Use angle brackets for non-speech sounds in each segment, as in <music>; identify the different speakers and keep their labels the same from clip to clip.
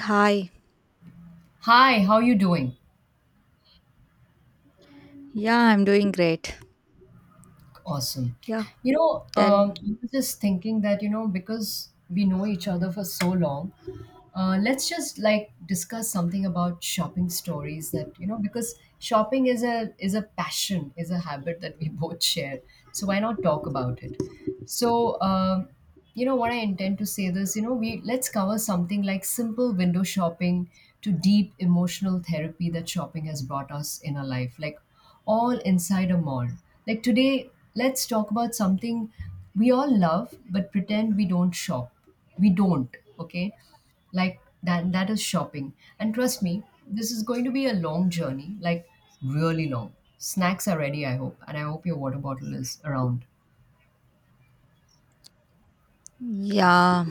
Speaker 1: Hi.
Speaker 2: Hi, how you doing?
Speaker 1: Yeah, I'm doing great.
Speaker 2: Awesome.
Speaker 1: Yeah, tell.
Speaker 2: I was just thinking that, you know, because we know each other for so long, let's just like discuss something about shopping stories that you know because shopping is a passion is a habit that we <laughs> both share so why not talk about it. so um, you know what I intend to say this you know we let's cover something like simple window shopping to deep emotional therapy that shopping has brought us in our life, like all inside a mall. Like today let's talk about something we all love but pretend we don't shop. We don't, okay, like that is shopping. And trust me, this is going to be a long journey, like really long. Snacks are ready, I hope, and I hope your water bottle is around.
Speaker 1: Yeah.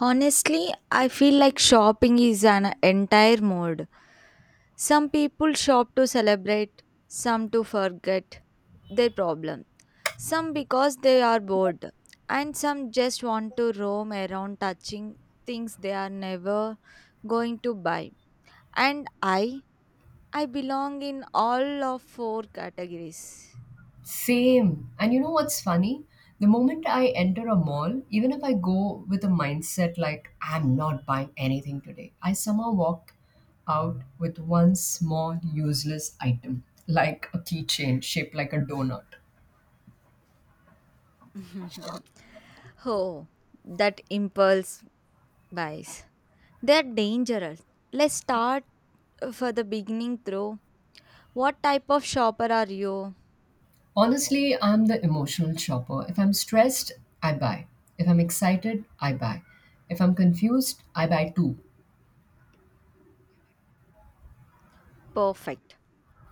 Speaker 1: Honestly, I feel like shopping is an entire mode. Some people shop to celebrate, some to forget their problem, some because they are bored, and some just want to roam around touching things they are never going to buy. And I belong in all of four categories.
Speaker 2: Same, and you know what's funny, the moment I enter a mall, even if I go with a mindset like I'm not buying anything today, I somehow walk out with one small useless item like a keychain shaped like a donut.
Speaker 1: <laughs> Oh, that impulse buys. They're dangerous. Let's start for the beginning through. What type of shopper are you?
Speaker 2: Honestly, I'm the emotional shopper. If I'm stressed, I buy. If I'm excited, I buy. If I'm confused, I buy too.
Speaker 1: Perfect.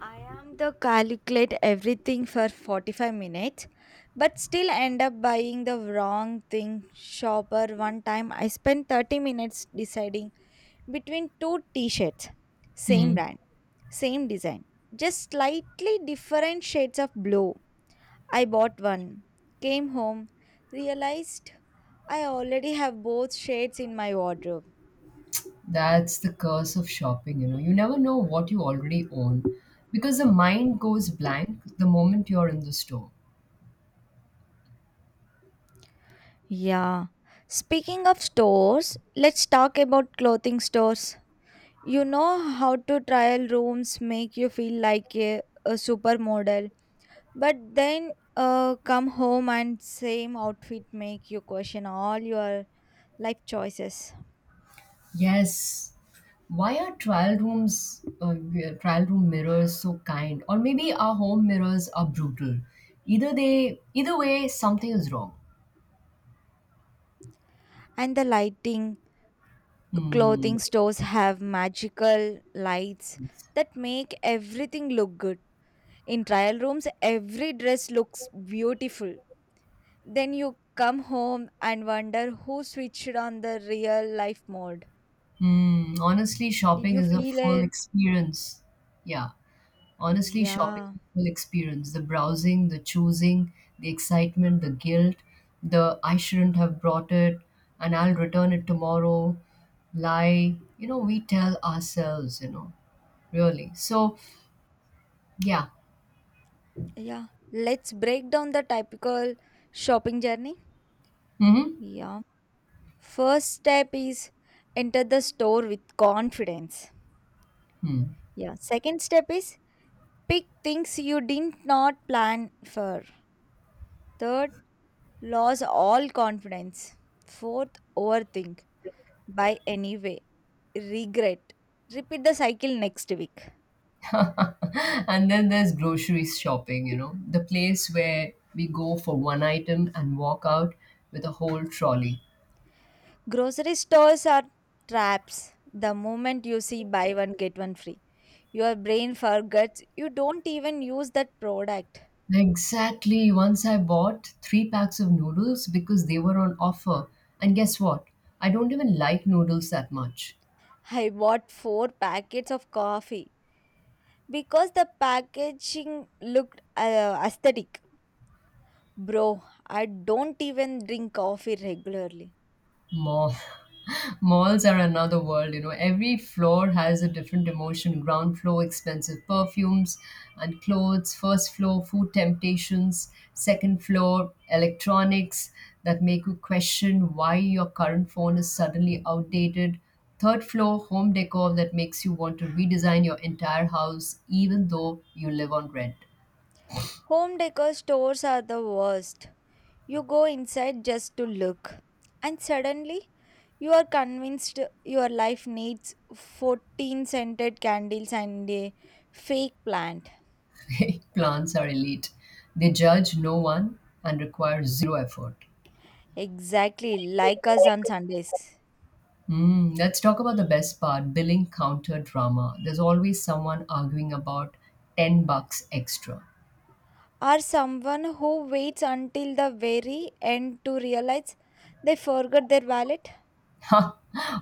Speaker 1: I am the calculate everything for 45 minutes but still end up buying the wrong thing shopper. One time I spent 30 minutes deciding between two t-shirts, same
Speaker 2: Hmm.
Speaker 1: brand, same design, just slightly different shades of blue. I bought one, came home, realized I already have both shades in my wardrobe.
Speaker 2: That's the curse of shopping, you know. You never know what you already own because the mind goes blank the moment you're in the store.
Speaker 1: Yeah. Speaking of stores, let's talk about clothing stores. You know how to trial rooms make you feel like a supermodel, but then come home and same outfit make you question all your life choices.
Speaker 2: Yes. Why are trial rooms, trial room mirrors so kind? Or maybe our home mirrors are brutal. Either way, something is wrong.
Speaker 1: And the lighting,
Speaker 2: Hmm.
Speaker 1: clothing stores have magical lights that make everything look good. In trial rooms, every dress looks beautiful. Then you come home and wonder who switched on the real life mode.
Speaker 2: Mm, honestly,
Speaker 1: Did
Speaker 2: shopping
Speaker 1: you
Speaker 2: is a
Speaker 1: feel
Speaker 2: full
Speaker 1: it?
Speaker 2: experience. Yeah, honestly, shopping is
Speaker 1: Yeah.
Speaker 2: a full experience. The browsing, the choosing, the excitement, the guilt, the I shouldn't have brought it and I'll return it tomorrow lie. You know, we tell ourselves, really. So, yeah.
Speaker 1: Yeah. Let's break down the typical shopping journey.
Speaker 2: Mm-hmm.
Speaker 1: Yeah. First step is enter the store with confidence.
Speaker 2: Hmm.
Speaker 1: Yeah. Second step is pick things you did not plan for. Third, lose all confidence. Fourth, overthink. Buy anyway. Regret. Repeat the cycle next week.
Speaker 2: <laughs> And then there's groceries shopping, you know, the place where we go for one item and walk out with a whole trolley.
Speaker 1: Grocery stores are traps. The moment you see buy one, get one free, your brain forgets you don't even use that product.
Speaker 2: Exactly. Once I bought three packs of noodles because they were on offer. And guess what? I don't even like noodles that much.
Speaker 1: I bought four packets of coffee because the packaging looked aesthetic. Bro, I don't even drink coffee regularly.
Speaker 2: Mall. <laughs> Malls are another world, you know. Every floor has a different emotion. Ground floor, expensive perfumes and clothes. First floor, food temptations. Second floor, electronics that make you question why your current phone is suddenly outdated. Third floor, home decor that makes you want to redesign your entire house, even though you live on rent.
Speaker 1: Home decor stores are the worst. You go inside just to look, and suddenly you are convinced your life needs 14 scented candles and a fake plant.
Speaker 2: <laughs> Plants are elite. They judge no one and require zero effort.
Speaker 1: Exactly like us on Sundays.
Speaker 2: Mm, let's talk about the best part, billing counter drama. There's always someone arguing about 10 bucks extra.
Speaker 1: Or someone who waits until the very end to realize they forgot their wallet.
Speaker 2: <laughs>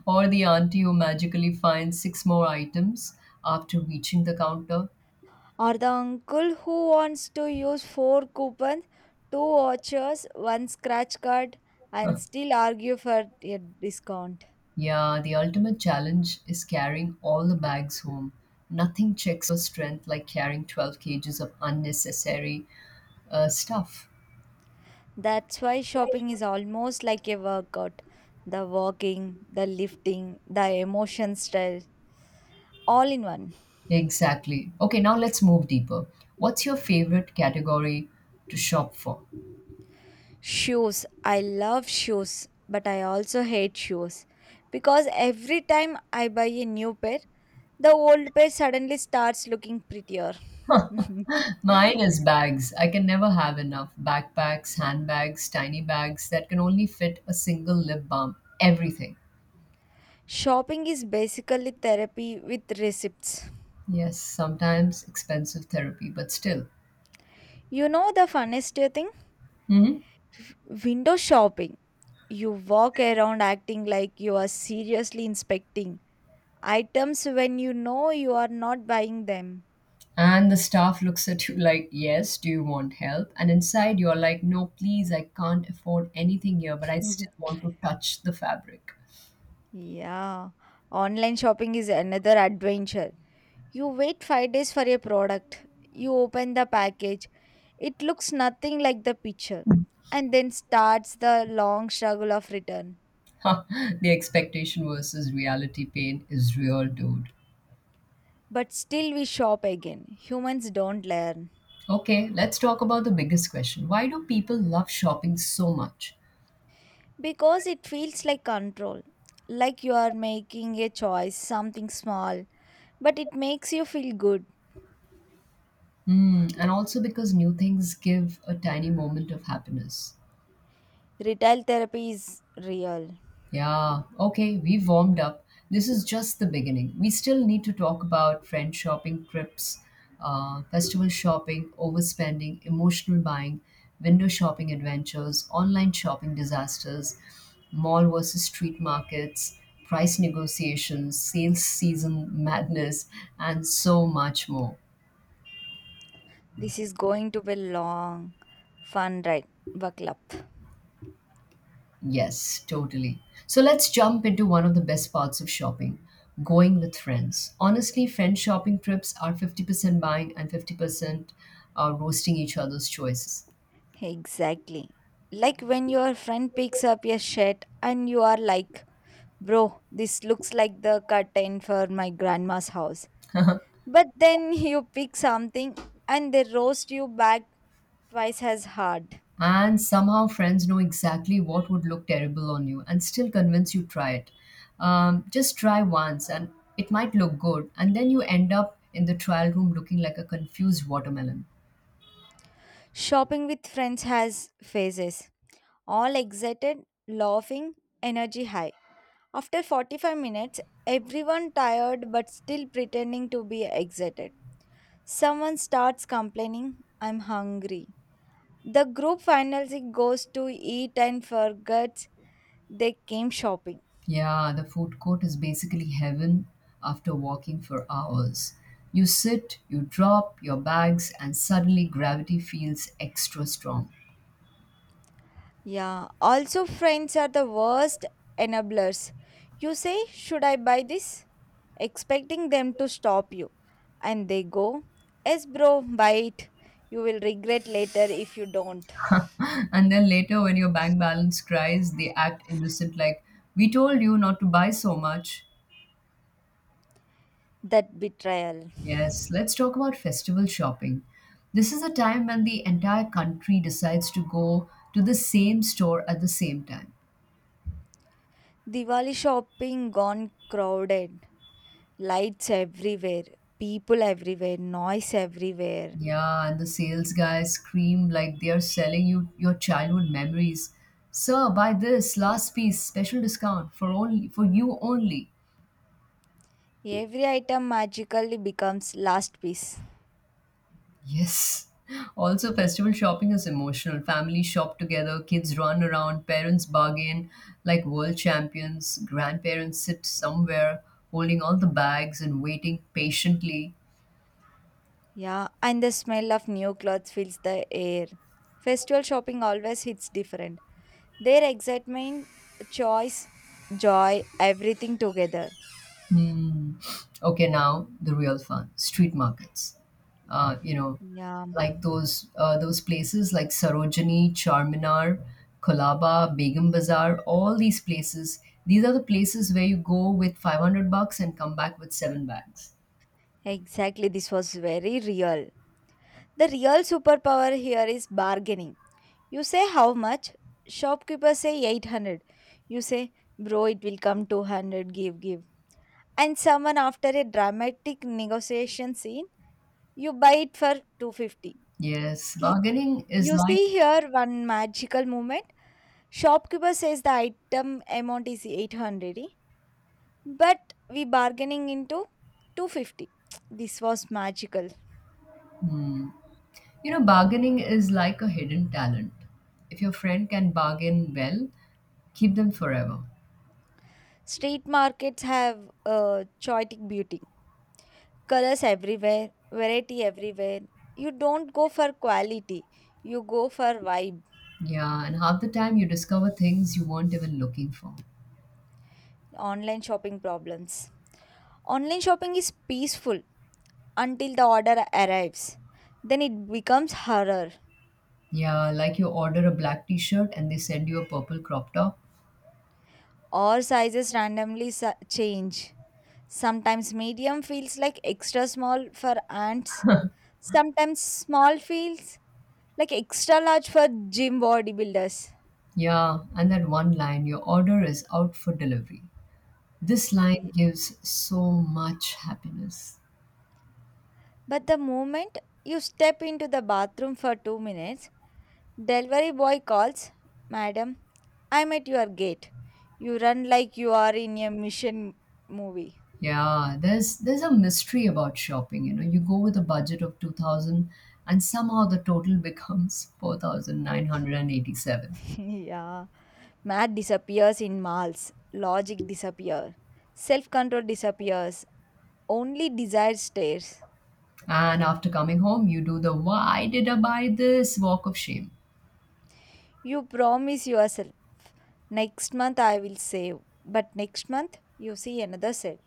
Speaker 2: Or the auntie who magically finds six more items after reaching the counter.
Speaker 1: Or the uncle who wants to use four coupons, two vouchers, one scratch card, and still argue for a discount.
Speaker 2: Yeah, the ultimate challenge is carrying all the bags home. Nothing checks your strength like carrying 12 cages of unnecessary stuff.
Speaker 1: That's why shopping is almost like a workout. The walking, the lifting, the emotion style, all in one.
Speaker 2: Exactly. Okay, now let's move deeper. What's your favorite category to shop for?
Speaker 1: Shoes. I love shoes, but I also hate shoes. Because every time I buy a new pair, the old pair suddenly starts looking prettier. <laughs>
Speaker 2: Mine is bags. I can never have enough. Backpacks, handbags, tiny bags that can only fit a single lip balm. Everything.
Speaker 1: Shopping is basically therapy with receipts.
Speaker 2: Yes, sometimes expensive therapy, but still.
Speaker 1: You know the funniest thing?
Speaker 2: Hmm.
Speaker 1: Window shopping. You walk around acting like you are seriously inspecting items when you know you are not buying them. <laughs>
Speaker 2: And the staff looks at you <laughs> like, yes, do you want help? And inside you're like, no, please, I can't afford anything here, but I still want to touch the fabric.
Speaker 1: Yeah, online shopping is another adventure. You wait 5 days for a product, you open the package, it looks nothing like the picture, and then starts the long struggle of return.
Speaker 2: <laughs> The expectation versus reality pain is real, dude.
Speaker 1: But still, we shop again. Humans don't learn
Speaker 2: Okay, let's talk about the biggest question. Why do people love shopping so much?
Speaker 1: because it feels like control, like you are making a choice, something small, but it makes you feel good.
Speaker 2: Mm, and also because new things give a tiny moment of happiness.
Speaker 1: Retail therapy is real.
Speaker 2: Yeah, okay, we've warmed up. This is just the beginning. We still need to talk about friend shopping trips, festival shopping, overspending, emotional buying, window shopping adventures, online shopping disasters, mall versus street markets, price negotiations, sales season madness, and so much more.
Speaker 1: This is going to be long, fun ride. Buckle up.
Speaker 2: Yes, totally. So let's jump into one of the best parts of shopping, going with friends. Honestly, friend shopping trips are 50% buying and 50% are roasting each other's choices.
Speaker 1: Exactly. Like when your friend picks up your shirt and you are like, bro, this looks like the curtain for my grandma's house.
Speaker 2: <laughs>
Speaker 1: But then <laughs> you pick something and they roast you back twice as hard.
Speaker 2: And somehow, friends know exactly what would look terrible on you and still convince you try it. Just try once and it might look good, and then you end up in the trial room looking like a confused watermelon.
Speaker 1: Shopping with friends has phases. All excited, laughing, energy high. After 45 minutes, everyone tired but still pretending to be excited. Someone starts complaining, I'm hungry. The group finally goes to eat and forgets they came shopping.
Speaker 2: Yeah, the food court is basically heaven after walking for hours. You sit, you drop your bags, and suddenly gravity feels extra strong.
Speaker 1: Yeah, also, friends are the worst enablers. You say, should I buy this? Expecting them to stop you. And they go, yes, bro, buy it. You will regret later if you don't.
Speaker 2: <laughs> And then later, when your bank balance cries, they act innocent like, we told you not to buy so much.
Speaker 1: That betrayal.
Speaker 2: Yes, let's talk about festival shopping. This is a time when the entire country decides to go to the same store at the same time.
Speaker 1: Diwali shopping gone crowded. Lights everywhere, people everywhere, noise everywhere.
Speaker 2: Yeah, and the sales guys scream like they are selling you your childhood memories. Sir, buy this last piece, special discount for only for you only.
Speaker 1: Every item magically becomes last piece.
Speaker 2: Yes. <laughs> Also, festival shopping is emotional. Families shop together, kids run around, parents bargain like world champions, grandparents sit somewhere holding all the bags and waiting patiently.
Speaker 1: Yeah, and the smell of new clothes fills the air. Festival shopping always hits different. Their excitement, choice, joy, everything together.
Speaker 2: Hmm. Okay, now the real fun, street markets. Uh, you know,
Speaker 1: Yeah,
Speaker 2: like those places like Sarojini, Charminar, Kolaba, Begum Bazaar, all these places. These are the places where you go with 500 bucks and come back with seven bags.
Speaker 1: exactly. This was very real. The real superpower here is bargaining. You say how much? Shopkeeper say 800. You say, bro, it will come 200, give, give. And someone after a dramatic negotiation scene, you buy it for 250.
Speaker 2: Yes,
Speaker 1: He-
Speaker 2: bargaining is
Speaker 1: You
Speaker 2: like,
Speaker 1: see here one magical moment. Shopkeeper says the item amount is 800, eh? But we bargaining into 250. This was magical.
Speaker 2: you know, bargaining is like a hidden talent. If your friend can bargain well, keep them forever.
Speaker 1: Street markets have choitic beauty. Colors everywhere, variety everywhere. You don't go for quality, you go for vibe.
Speaker 2: Yeah, and half the time you discover things you weren't even looking for.
Speaker 1: Online shopping problems. Online shopping is peaceful until the order arrives. Then it becomes horror.
Speaker 2: Yeah, like you order a black t shirt and they send you a purple crop top.
Speaker 1: All sizes randomly change. Sometimes medium feels like extra small for ants. Sometimes small feels like extra large for gym bodybuilders.
Speaker 2: Yeah, and that one line, your order is out for delivery. This line
Speaker 1: Yeah.
Speaker 2: gives so much happiness.
Speaker 1: But the moment you step into the bathroom for 2 minutes, delivery boy calls, madam, I'm at your gate. You run like you are in a mission movie.
Speaker 2: Yeah, there's a mystery about shopping, you know. You go with a budget of 2000 and somehow the total <laughs> becomes 4,987. And 87.
Speaker 1: <laughs> Yeah. Math disappears in malls. Logic disappears. Self control disappears. Only desire stares.
Speaker 2: And after coming home, you do the why did I buy this walk of shame.
Speaker 1: You promise yourself, next month I will save. But next month, you see another cell.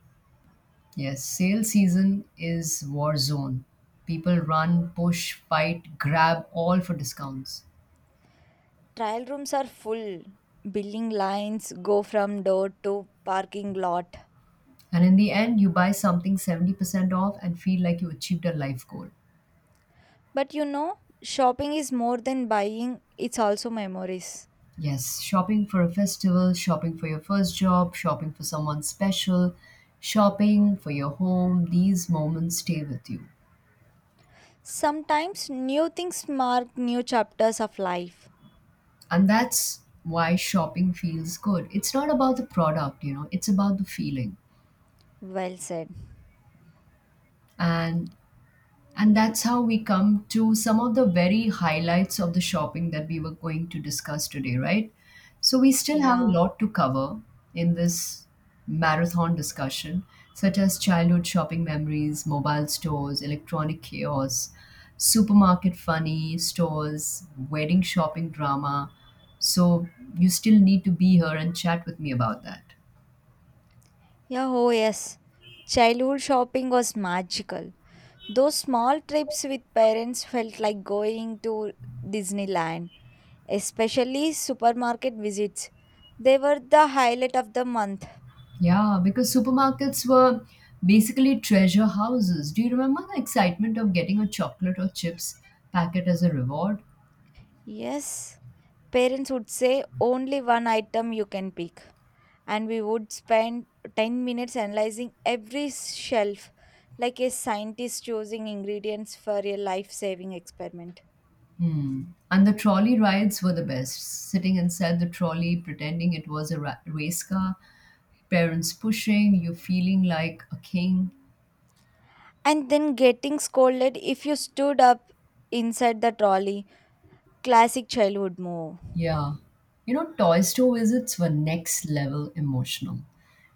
Speaker 2: Yes, sale season is war zone. People run, push, fight, grab all for discounts.
Speaker 1: Trial rooms are full. Billing lines go from door to parking lot.
Speaker 2: And in the end, you buy something 70% off and feel like you achieved a life goal.
Speaker 1: But you know, shopping is more than buying, it's also memories.
Speaker 2: Yes, shopping for a festival, shopping for your first job, shopping for someone special, shopping for your home, these moments stay with you.
Speaker 1: Sometimes new things mark new chapters of life.
Speaker 2: And that's why shopping feels good. It's not about the product, you know, it's about the feeling.
Speaker 1: Well said.
Speaker 2: And And that's how we come to some of the very highlights of the shopping that we were going to discuss today, right? So we still have
Speaker 1: Yeah.
Speaker 2: a lot to cover in this marathon discussion, such as childhood shopping memories, mobile stores, electronic chaos, supermarket funny stores, wedding shopping drama. So you still need to be here and chat with me about that.
Speaker 1: Yeah, oh yes. Childhood shopping was magical. Those small trips with parents felt like going to Disneyland, especially supermarket visits. They were the highlight of the month.
Speaker 2: Yeah, because supermarkets were basically treasure houses. Do you remember the excitement of getting a chocolate or chips packet as a reward?
Speaker 1: Yes. Parents would say only one item you can pick. And we would spend 10 minutes analyzing every shelf like a scientist choosing ingredients for a life saving experiment.
Speaker 2: Hmm. And the trolley rides were the best. Sitting inside the trolley, pretending it was a race car, parents pushing, you feeling like a king.
Speaker 1: And then getting scolded if you stood up inside the trolley. Classic childhood move.
Speaker 2: Yeah. You know, toy store visits were next level emotional.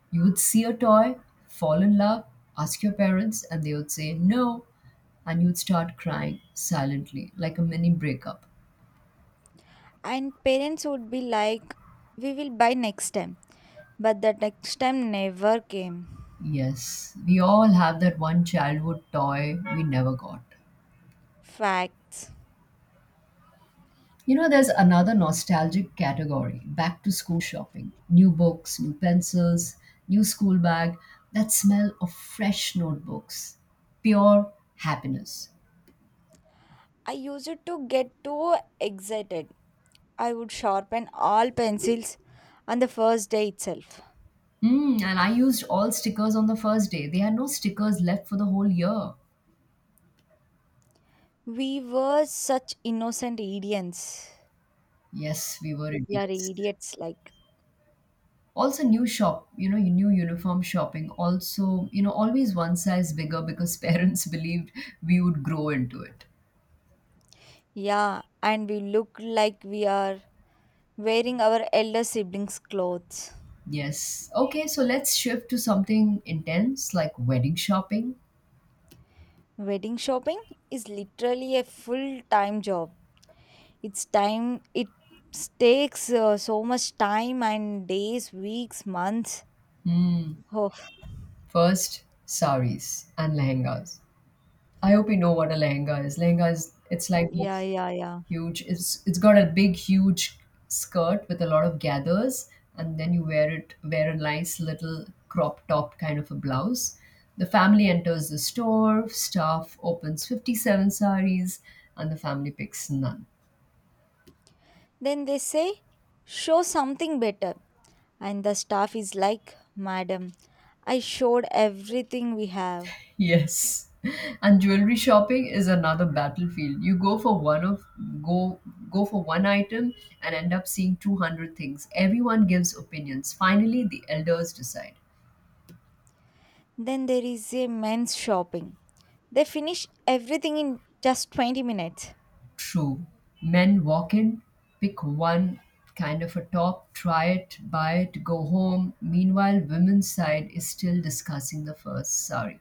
Speaker 2: You would see a toy, fall in love, ask your parents, and they would say no, and you would start crying silently, like a mini breakup.
Speaker 1: And parents would be like, we will buy next time. But the next time never came.
Speaker 2: Yes, we all have that one childhood toy we never got.
Speaker 1: Facts.
Speaker 2: You know, there's another nostalgic category, back to school shopping. New books, new pencils, new school bag, that smell of fresh notebooks. Pure happiness.
Speaker 1: I used to get too excited. I would sharpen all pencils on the first day itself.
Speaker 2: Mm, and I used all stickers on the first day. They had no stickers left for the whole year.
Speaker 1: We were such innocent idiots.
Speaker 2: Yes, we were
Speaker 1: We are
Speaker 2: idiots.
Speaker 1: idiots, like.
Speaker 2: Also, new shop, you know, new uniform shopping. Also, you know, always one size bigger because <laughs> parents believed we would grow into it.
Speaker 1: Yeah, and we look like we are wearing our elder siblings' clothes.
Speaker 2: Yes. Okay, so let's shift to something intense like wedding shopping.
Speaker 1: Wedding shopping is literally a full time job. It's time, it takes so much time and days, weeks, months. Oh,
Speaker 2: First, saris and lehengas. I hope you know what a lehenga is. Lehenga is, it's like
Speaker 1: yeah,
Speaker 2: those
Speaker 1: yeah, yeah.
Speaker 2: huge. It's got a big, huge skirt with a lot of gathers, and then you wear a nice little crop top kind of a blouse. The family enters the store. Staff opens 57 saris, and the family picks none. <laughs>
Speaker 1: Then they say, show something better. And the staff is like, madam, I showed everything we have.
Speaker 2: Yes. And jewelry shopping is another battlefield. You go for one of go Go for one item and end up seeing 200 things. Everyone gives opinions. Finally, the elders decide.
Speaker 1: Then there is a men's shopping. They finish everything in just 20 minutes.
Speaker 2: True. Men walk in, pick one kind of a top, try it, buy it, go home. Meanwhile, women's side is still discussing the first Sorry.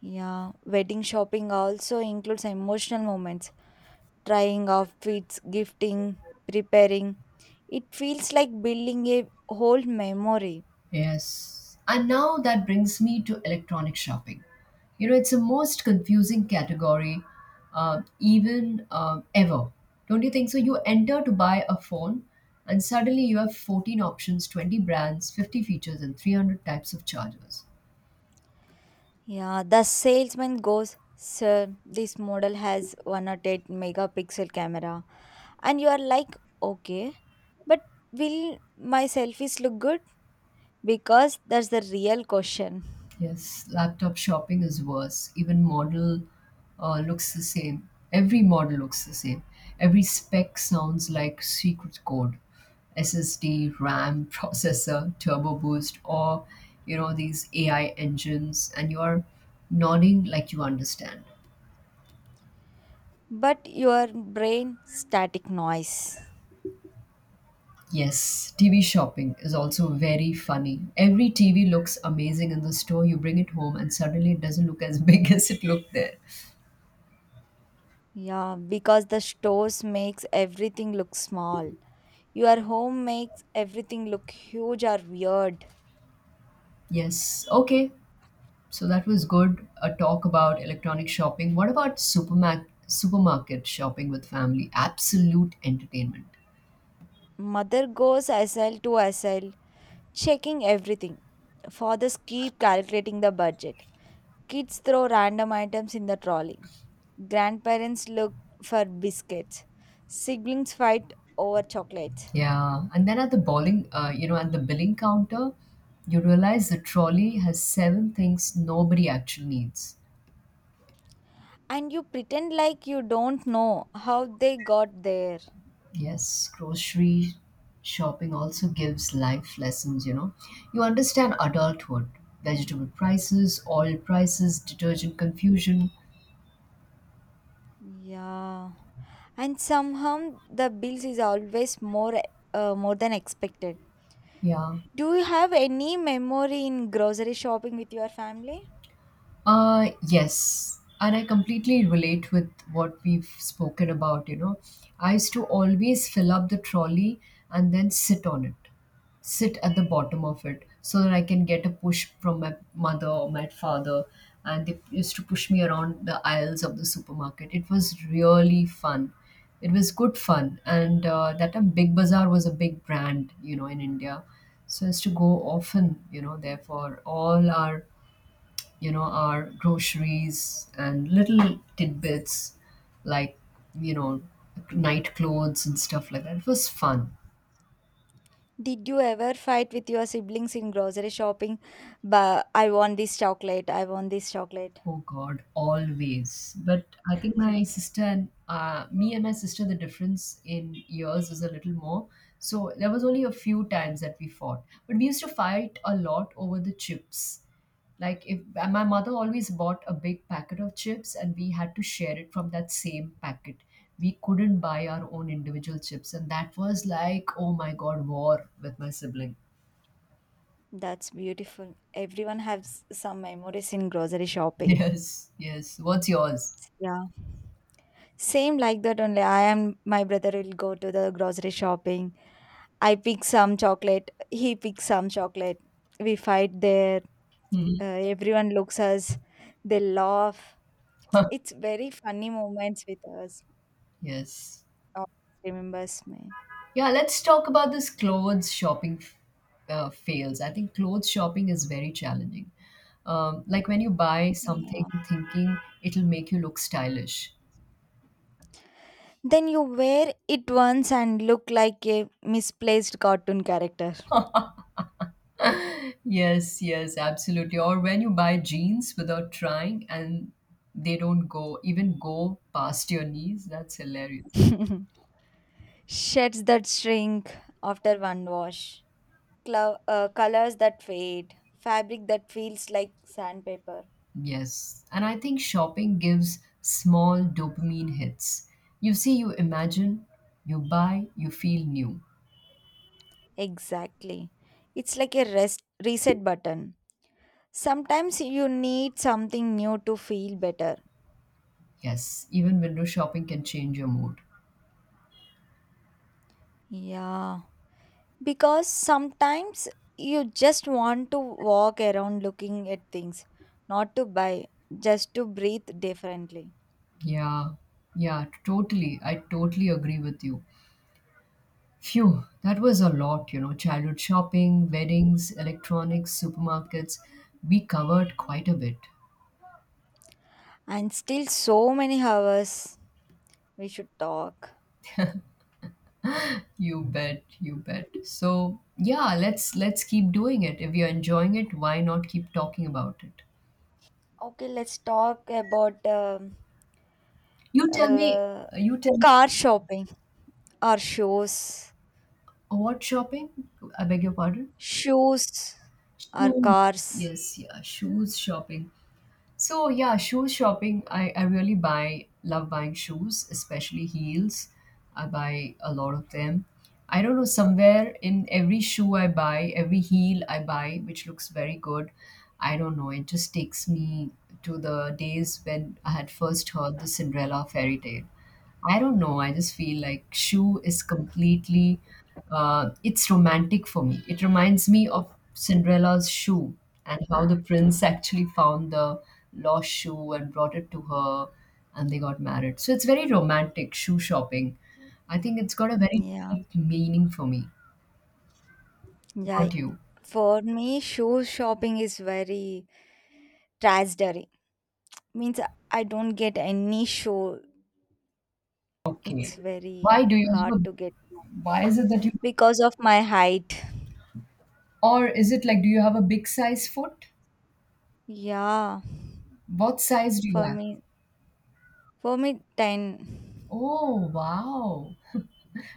Speaker 1: Yeah, wedding shopping also includes emotional moments, trying outfits, gifting, preparing. It feels like building a whole memory.
Speaker 2: Yes. And now that brings me to electronic shopping. You know, it's the most confusing category, even ever. Don't you think so? You enter to buy a phone, and suddenly you have 14 options, 20 brands, 50 features, and 300 types of chargers.
Speaker 1: Yeah, the salesman goes, sir, this model has 108 megapixel camera. And you are like, okay, but will my selfies look good? Because that's the real question.
Speaker 2: Yes, laptop shopping is worse. Even model looks the same. Every model looks the same. Every spec sounds like secret code. SSD, RAM, <laughs> processor, turbo boost, or you know these AI engines, and you are nodding like you understand.
Speaker 1: But your brain static noise.
Speaker 2: Yes, TV shopping is also very funny. Every TV looks amazing in the store. You bring it home, and suddenly it doesn't look as <laughs> big as it looked there.
Speaker 1: Yeah, because the stores makes everything look small, your home makes everything look huge or weird.
Speaker 2: Yes. Okay. So that was good. A talk about electronic shopping. What about supermarket shopping with family? Absolute entertainment.
Speaker 1: Mother goes sl to sl checking everything. Fathers keep calculating the budget. Kids throw random items in the trolley. Grandparents look for biscuits. Siblings fight over chocolates.
Speaker 2: Yeah, and then at the bowling, at the billing counter, you realize the trolley has 7 things nobody actually needs.
Speaker 1: And you pretend like you don't know how they got there.
Speaker 2: Yes, grocery shopping also gives life lessons, you know. You understand adulthood, vegetable prices, oil prices, detergent confusion.
Speaker 1: Yeah. And somehow the bills is always more more than expected.
Speaker 2: Yeah.
Speaker 1: Do you have any memory in grocery shopping with your family?
Speaker 2: Yes. And I completely relate with what we've spoken about, you know. I used to always fill up the trolley and then sit on it, sit at the bottom of it, so that I can get a push from my mother or my father. And they used to push me around the aisles of the supermarket. It was really fun. It was good fun. And that time, Big Bazaar was a big brand, you know, in India. So I used to go often, you know, there for all our you know, our groceries and little tidbits like, you know, night clothes and stuff like that. It was fun.
Speaker 1: Did you ever fight with your siblings in grocery shopping? But I want this chocolate. I want this chocolate.
Speaker 2: Oh God, always. But I think my
Speaker 1: <laughs>
Speaker 2: sister and me and my sister, the difference in years is a little more. So there was only a few times that we fought, but we used to fight a lot over the chips. Like if my mother always bought a big packet of chips, and we had to share it from that same packet. We couldn't buy our own individual chips, and that was like, oh my God, war with my sibling. <laughs>
Speaker 1: That's beautiful. Everyone has some memories in grocery shopping.
Speaker 2: Yes, yes. What's yours?
Speaker 1: Yeah. Same like that only. I and my brother will go to the grocery shopping. I pick some chocolate, he picks some chocolate. We fight there.
Speaker 2: Hmm.
Speaker 1: Everyone looks us. They laugh.
Speaker 2: <laughs>
Speaker 1: It's very funny moments with us.
Speaker 2: Yes.
Speaker 1: Always remembers me.
Speaker 2: Yeah, let's talk about this clothes shopping fails. I think clothes shopping is very challenging. Like when you buy something
Speaker 1: Yeah.
Speaker 2: thinking it'll make you look stylish.
Speaker 1: Then you wear it once and look like a misplaced cartoon character.
Speaker 2: Yes, yes, absolutely. Or when you buy jeans without trying and they don't go, even go past your knees, that's hilarious.
Speaker 1: <laughs> Sheds that shrink after one wash. Colors that fade. Fabric that feels like sandpaper.
Speaker 2: Yes. And I think shopping gives small dopamine hits. You see, you imagine, you buy, you feel new.
Speaker 1: Exactly. It's like a rest reset button. Sometimes you need something new to feel better.
Speaker 2: Yes, even window shopping can change your mood.
Speaker 1: Yeah. Because sometimes you just want to walk around looking at things, not to buy, just to breathe differently.
Speaker 2: Yeah, yeah, totally. I totally agree with you. Phew, that was a lot, you know. Childhood shopping, weddings, electronics, supermarkets. We covered quite a bit.
Speaker 1: And still, so many hours we should talk.
Speaker 2: You bet, you bet. So yeah, let's keep doing it. If you're enjoying it, why not keep talking about it?
Speaker 1: Okay, let's talk about
Speaker 2: You tell me.
Speaker 1: uh,
Speaker 2: You tell me
Speaker 1: car shopping or shoes.
Speaker 2: what shopping? I beg your pardon.
Speaker 1: Shoes or
Speaker 2: Shoes.
Speaker 1: cars.
Speaker 2: Yes, yeah, shoes shopping. So yeah, shoe shopping. I really buy love buying shoes, especially heels. I buy a lot of them. I don't know, somewhere in every shoe I buy, every heel I buy, which looks very good. I don't know, it just takes me to the days when I had first heard the Cinderella fairy tale. I don't know. I just feel like Shoe is completely, it's romantic for me. It reminds me of Cinderella's shoe and how the prince actually found the lost shoe and brought it to her and they got married. So it's very romantic, shoe shopping. I think it's got a very
Speaker 1: Yeah,
Speaker 2: deep meaning for me.
Speaker 1: yeah.
Speaker 2: Got you.
Speaker 1: For me, shoe shopping is very tragedy. Means I don't get any shoe.
Speaker 2: Okay.
Speaker 1: It's very
Speaker 2: Why do you
Speaker 1: hard
Speaker 2: have a,
Speaker 1: to get
Speaker 2: Why is it that
Speaker 1: because of my height.
Speaker 2: or is it like, do you have a big size foot?
Speaker 1: Yeah,
Speaker 2: What size do you
Speaker 1: for
Speaker 2: have?
Speaker 1: me, for me, 10.
Speaker 2: Oh, wow.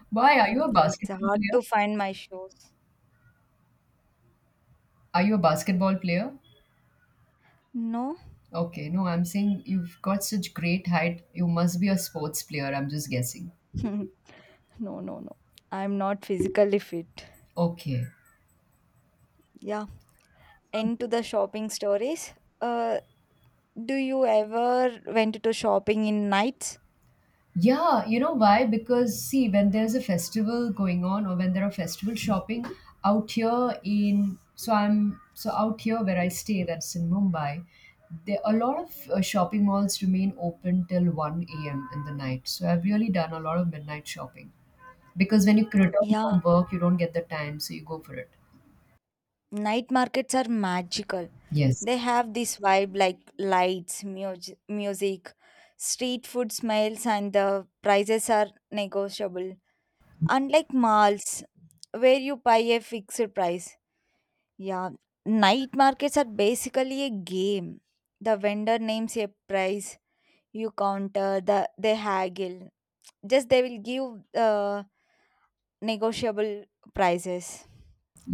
Speaker 2: Why are you a
Speaker 1: It's
Speaker 2: basketball
Speaker 1: hard to
Speaker 2: player?
Speaker 1: find my shoes.
Speaker 2: Are you a basketball player?
Speaker 1: No,
Speaker 2: Okay, no, I'm saying you've got such great height. You must be a sports player. I'm just guessing.
Speaker 1: <laughs> no, no, no. I'm not physically fit.
Speaker 2: Okay.
Speaker 1: Yeah. Into the shopping stories. Uh, do you ever went to shopping in nights?
Speaker 2: Yeah, you know why? Because see, when there's a festival going on or when there are festival shopping out here in so I'm so out here where I stay, that's in Mumbai, there a lot of shopping malls remain open till 1 a.m. in the night. So I've really done a lot of midnight shopping. Because when you return
Speaker 1: Yeah,
Speaker 2: from work you don't get the time so you go for it.
Speaker 1: night markets are magical.
Speaker 2: Yes,
Speaker 1: They have this vibe like lights, music, street food smells, and the prices are negotiable. Unlike malls, where you buy a fixed price. Yeah, night markets are basically a game. The vendor names a price, you counter, they haggle. Just they will give negotiable prices.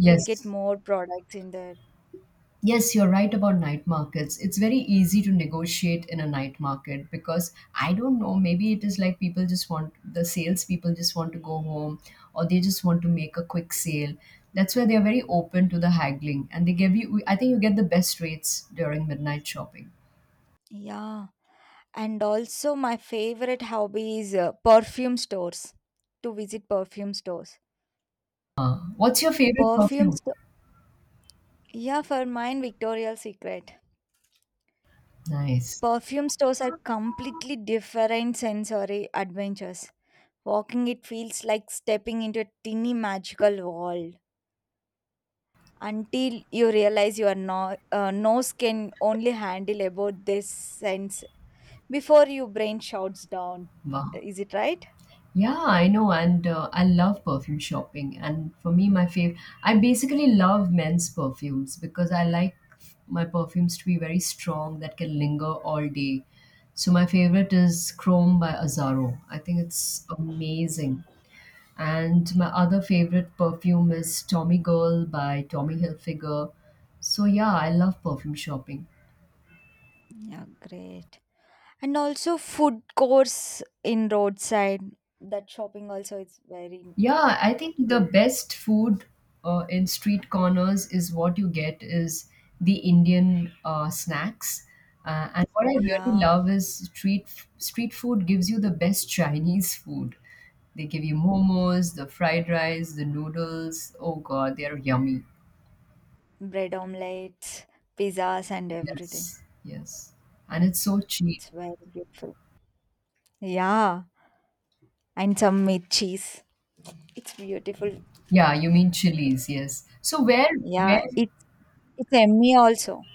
Speaker 1: We'll get more products in there.
Speaker 2: yes, you're right about night markets. It's very easy to negotiate in a night market, because I don't know, maybe it is like people just want the salespeople just want to go home, or they just want to make a quick sale. That's why they are very open to the haggling, and they give you, I think you get the best rates during midnight shopping.
Speaker 1: Yeah. And also, my favorite hobby is to visit perfume stores.
Speaker 2: What's your favorite
Speaker 1: Perfume
Speaker 2: perfume?
Speaker 1: store, yeah, for mine, Victoria's Secret.
Speaker 2: Nice.
Speaker 1: Perfume stores are completely different sensory adventures. Walking it feels like stepping into a tiny magical world until you realize your nose can only handle about this sense before your brain shouts down.
Speaker 2: Wow.
Speaker 1: Is it right?
Speaker 2: Yeah, I know, and I love perfume shopping. And for me, my favorite, I basically love men's perfumes because I like my perfumes to be very strong that can linger all day. So my favorite is Chrome by Azaro. I think it's amazing. And my other favorite perfume is Tommy Girl by Tommy Hilfiger. So yeah, I love perfume shopping.
Speaker 1: Yeah, great. And also, food course in roadside, that shopping also is very
Speaker 2: Yeah, I think the
Speaker 1: good.
Speaker 2: best food in street corners is what you get is the Indian snacks. And what I really
Speaker 1: Yeah,
Speaker 2: love is street food gives you the best Chinese food. They give you momos, the fried rice, the noodles. Oh God, they're yummy.
Speaker 1: bread omelets, pizzas and everything.
Speaker 2: Yes, yes. And it's so cheap.
Speaker 1: It's very beautiful. Yeah, and some meat cheese. It's beautiful.
Speaker 2: Yeah, you mean chilies, yes. So
Speaker 1: Yeah,
Speaker 2: where
Speaker 1: it's yummy also.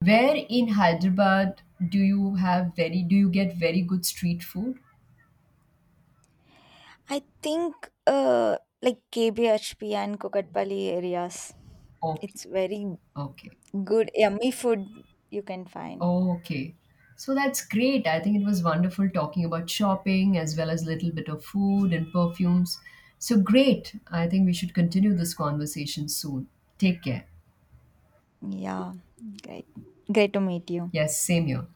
Speaker 2: where in Hyderabad do you get very good street food?
Speaker 1: I think like KBHP and Kokatpally areas,
Speaker 2: Okay,
Speaker 1: it's very
Speaker 2: okay,
Speaker 1: good yummy food you can find.
Speaker 2: okay. So that's great. I think it was wonderful talking about shopping as well as a little bit of food and perfumes. So great. I think we should continue this conversation soon. Take care.
Speaker 1: Yeah, great. Great to meet you.
Speaker 2: Yes, same here.